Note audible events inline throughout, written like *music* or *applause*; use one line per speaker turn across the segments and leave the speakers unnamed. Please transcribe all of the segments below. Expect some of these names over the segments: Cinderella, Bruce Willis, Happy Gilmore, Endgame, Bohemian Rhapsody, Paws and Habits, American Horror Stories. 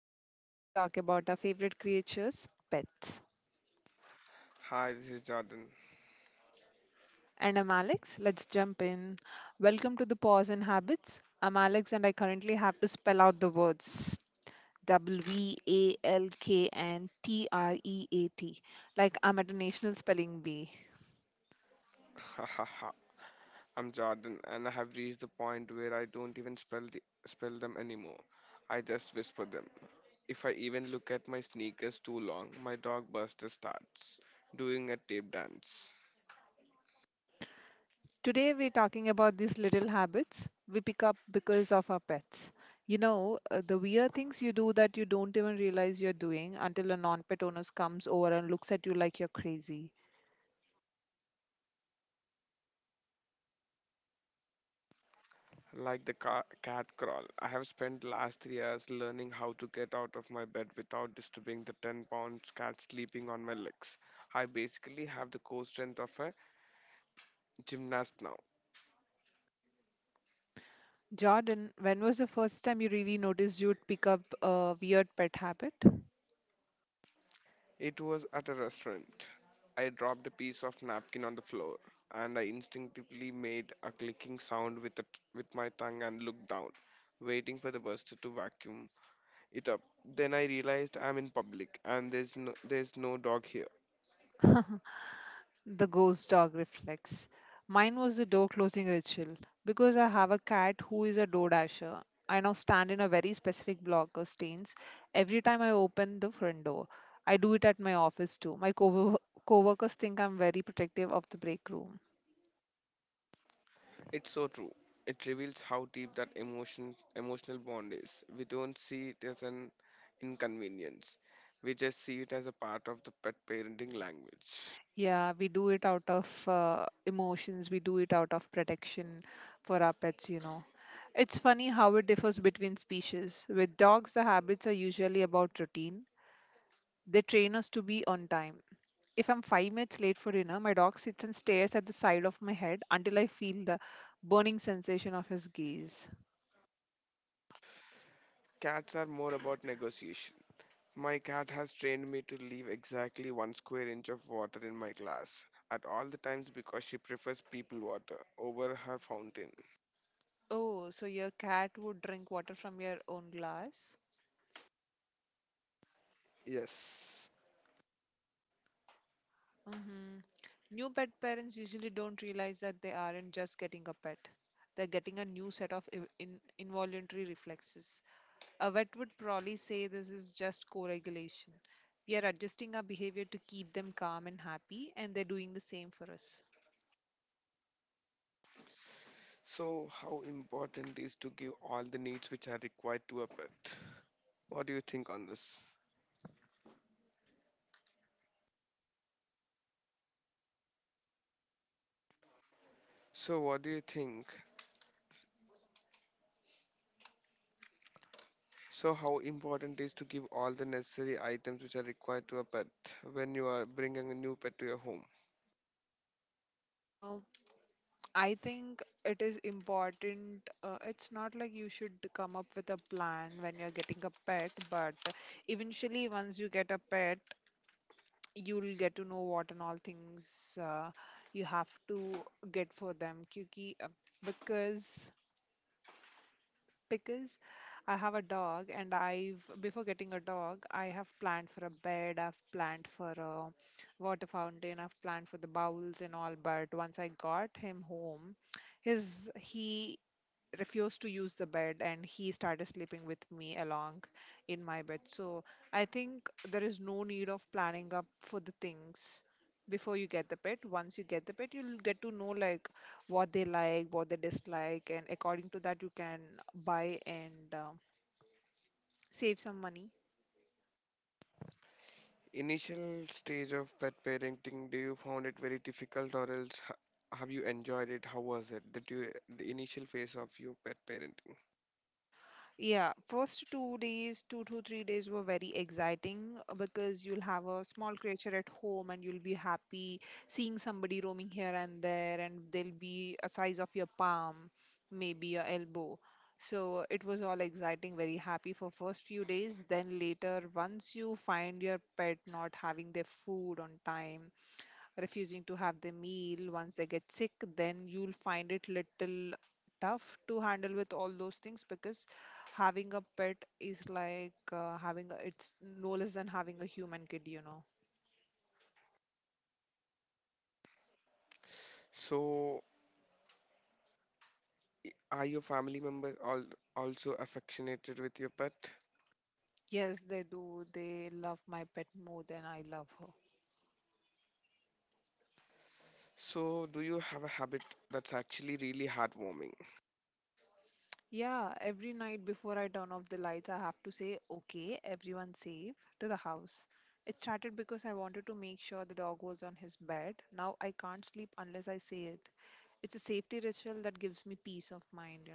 the show where we talk about our favorite creatures, pets.
Hi, this is Jordan.
And I'm Alex. Let's jump in. Welcome to the Paws and Habits. I'm Alex, and I currently have to spell out the words WVALK and TREAT, like I'm at a national spelling bee.
*laughs* I'm Jordan, and I have reached the point where I don't even spell them anymore. I just whisper them. If I even look at my sneakers too long, my dog Buster starts doing a tape dance.
Today, we're talking about these little habits we pick up because of our pets. The weird things you do that you don't even realize you're doing until a non pet owner comes over and looks at you like you're crazy.
Like the cat crawl, I have spent last 3 years learning how to get out of my bed without disturbing the 10 pound cat sleeping on my legs. I basically have the core strength of a gymnast now.
Jordan, when was the first time you really noticed you'd pick up a weird pet habit?
It was at a restaurant. I dropped a piece of napkin on the floor, and I instinctively made a clicking sound with my tongue and looked down, waiting for the buster to vacuum it up. Then I realized I'm in public, and there's no dog here.
The ghost dog reflects. Mine was the door closing ritual because I have a cat who is a door dasher. I now stand in a very specific block of stains every time I open the front door. I do it at my office too. My co workers think I'm very protective of the break room.
It's so true. It reveals how deep that emotional bond is. We don't see it as an inconvenience. We just see it as a part of the pet parenting language.
Yeah, we do it out of emotions, we do it out of protection for our pets, It's funny how it differs between species. With dogs, the habits are usually about routine. They train us to be on time. If I'm 5 minutes late for dinner, my dog sits and stares at the side of my head until I feel the burning sensation of his gaze.
Cats are more about negotiation. My cat has trained me to leave exactly one square inch of water in my glass at all the times because she prefers people water over her fountain.
Oh, so your cat would drink water from your own glass?
Yes.
Hmm. New pet parents usually don't realize that they aren't just getting a pet. They're getting a new set of involuntary reflexes. A vet would probably say this is just co regulation. We are adjusting our behavior to keep them calm and happy, and they're doing the same for us.
So, how important is to give all the needs which are required to a pet? What do you think on this? So, what do you think? So, how important is to give all the necessary items which are required to a pet when you are bringing a new pet to your home?
Uh. I think it is important. It's not like you should come up with a plan when you're getting a pet, but eventually, once you get a pet, you'll get to know what and all things you have to get for them. Kyuki, because because I have a dog, and I've before getting a dog, I have planned for a bed, I've planned for a water fountain, I've planned for the bowls and all. But once I got him home his he refused to use the bed, and he started sleeping with me along in my bed. So I think there is no need of planning up for the things before you get the pet. Once you get the pet, you'll get to know like what they like, what they dislike, and according to that you can buy and save some money.
Initial stage of pet parenting, do you found it very difficult or else have you enjoyed it? How was it that you the initial phase of your pet parenting?
Yeah, first 2 days, 2 to 3 days were very exciting because you'll have a small creature at home, and you'll be happy seeing somebody roaming here and there, and they'll be a size of your palm, maybe your elbow. So it was all exciting, very happy for first few days. Then later, once you find your pet not having their food on time, refusing to have the meal, once they get sick, then you'll find it little tough to handle with all those things, because having a pet is like it's no less than having a human kid, you know.
So are your family member all also affectionated with your pet?
Yes, they do. They love my pet more than I love her.
So do you have a habit that's actually really heartwarming?
Yeah, every night before I turn off the lights, I have to say, okay, everyone safe to the house. It started because I wanted to make sure the dog was on his bed. Now I can't sleep unless I say it. It's a safety ritual that gives me peace of mind, you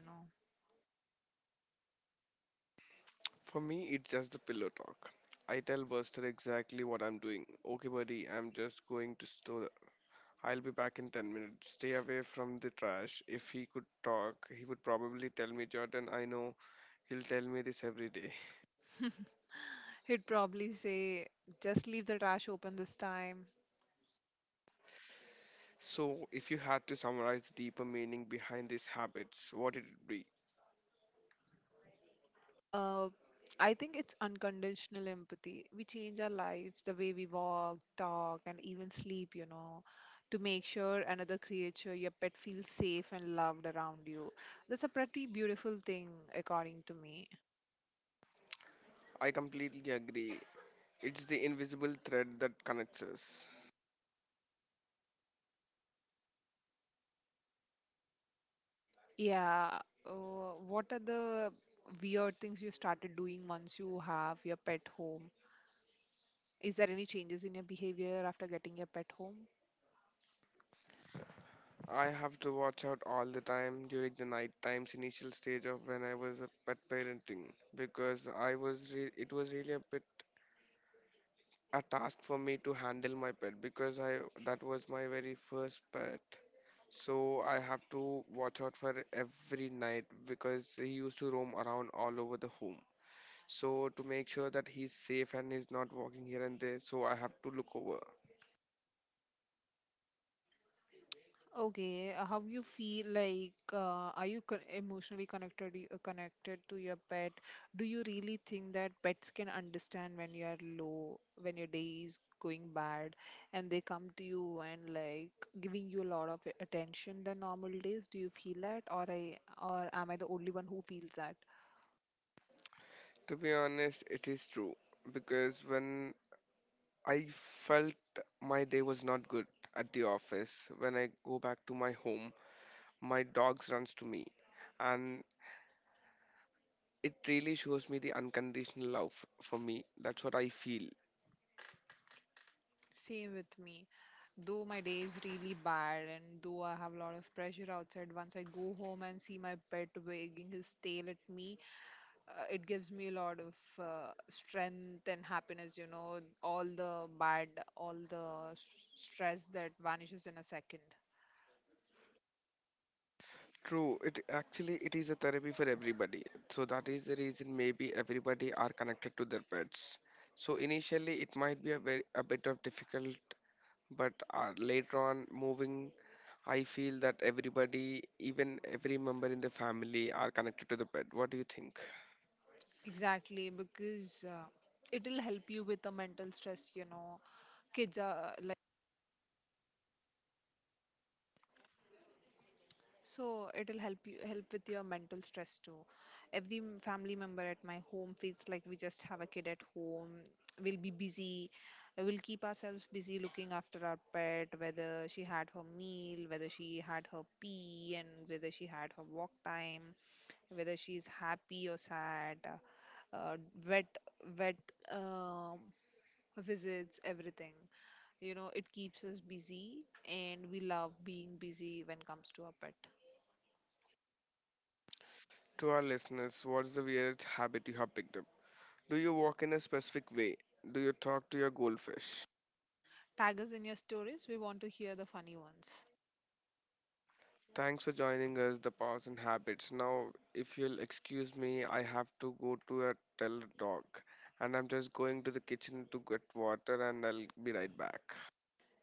For me, it's just the pillow talk. I tell Buster exactly what I'm doing. Okay, buddy, I'm just going to store, I'll be back in 10 minutes. Stay away from the trash. If he could talk, he would probably tell me, Jordan, I know he'll tell me this every day. *laughs*
know. *laughs* He'd probably say, just leave the trash open this time.
So, if you had to summarize the deeper meaning behind these habits, what would it be?
Uh, I think it's unconditional empathy. We change our lives, the way we walk, talk, and even sleep, you know, to make sure another creature, your pet, feels safe and loved around you. That's a pretty beautiful thing, according to me.
I completely agree. It's the invisible thread that connects us.
Yeah. What are the weird things you started doing once you have your pet home? Is there any changes in your behavior after getting your pet home?
I have to watch out all the time during the night times initial stage of when I was a pet parenting because I was it was really a bit a task for me to handle my pet because I that was my very first pet. So I have to watch out for every night because he used to roam around all over the home. So to make sure that he's safe and he's not walking here and there, so I have to look over.
Okay, how you feel like are you con emotionally connected connected to your pet? Do you really think that pets can understand when you are low, when your day is going bad, and they come to you and like giving you a lot of attention than normal days? Do you feel that, or I or am I the only one who feels that?
To be honest, it is true because when I felt my day was not good at the office, when I go back to my home, my dogs runs to me, and it really shows me the unconditional love for me. That's what I feel.
Same with me. Though my day is really bad and though I have a lot of pressure outside, once I go home and see my pet wagging his tail at me, it gives me a lot of strength and happiness, you know, all the bad, all the s- stress that vanishes in a second.
True, it actually it is a therapy for everybody. So that is the reason maybe everybody are connected to their pets. So initially it might be a very a bit of difficult, but later on moving, I feel that everybody, even every member in the family, are connected to the pet. What do you think?
Exactly, because it'll help you with the mental stress, you know. Kids are so it'll help you help with your mental stress too. Every family member at my home feels like we just have a kid at home. We'll be busy. We'll keep ourselves busy looking after our pet, whether she had her meal, whether she had her pee, and whether she had her walk time, whether she's happy or sad, uh, wet wet um visits, everything. You know, it keeps us busy, and we love being busy when comes to our pet.
To our listeners, what's the weirdest habit you have picked up? Do you walk in a specific way? Do you talk to your goldfish?
Tag us in your stories. We want to hear the funny ones.
Thanks for joining us, the Powers and Habits. Now, if you'll excuse me, I have to go to a tell dog, and I'm just going to the kitchen to get water, and I'll be right back.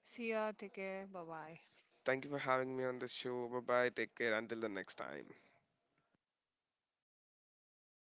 See ya. Take care. Bye bye.
Thank you for having me on the show. Bye bye. Take care. Until the next time.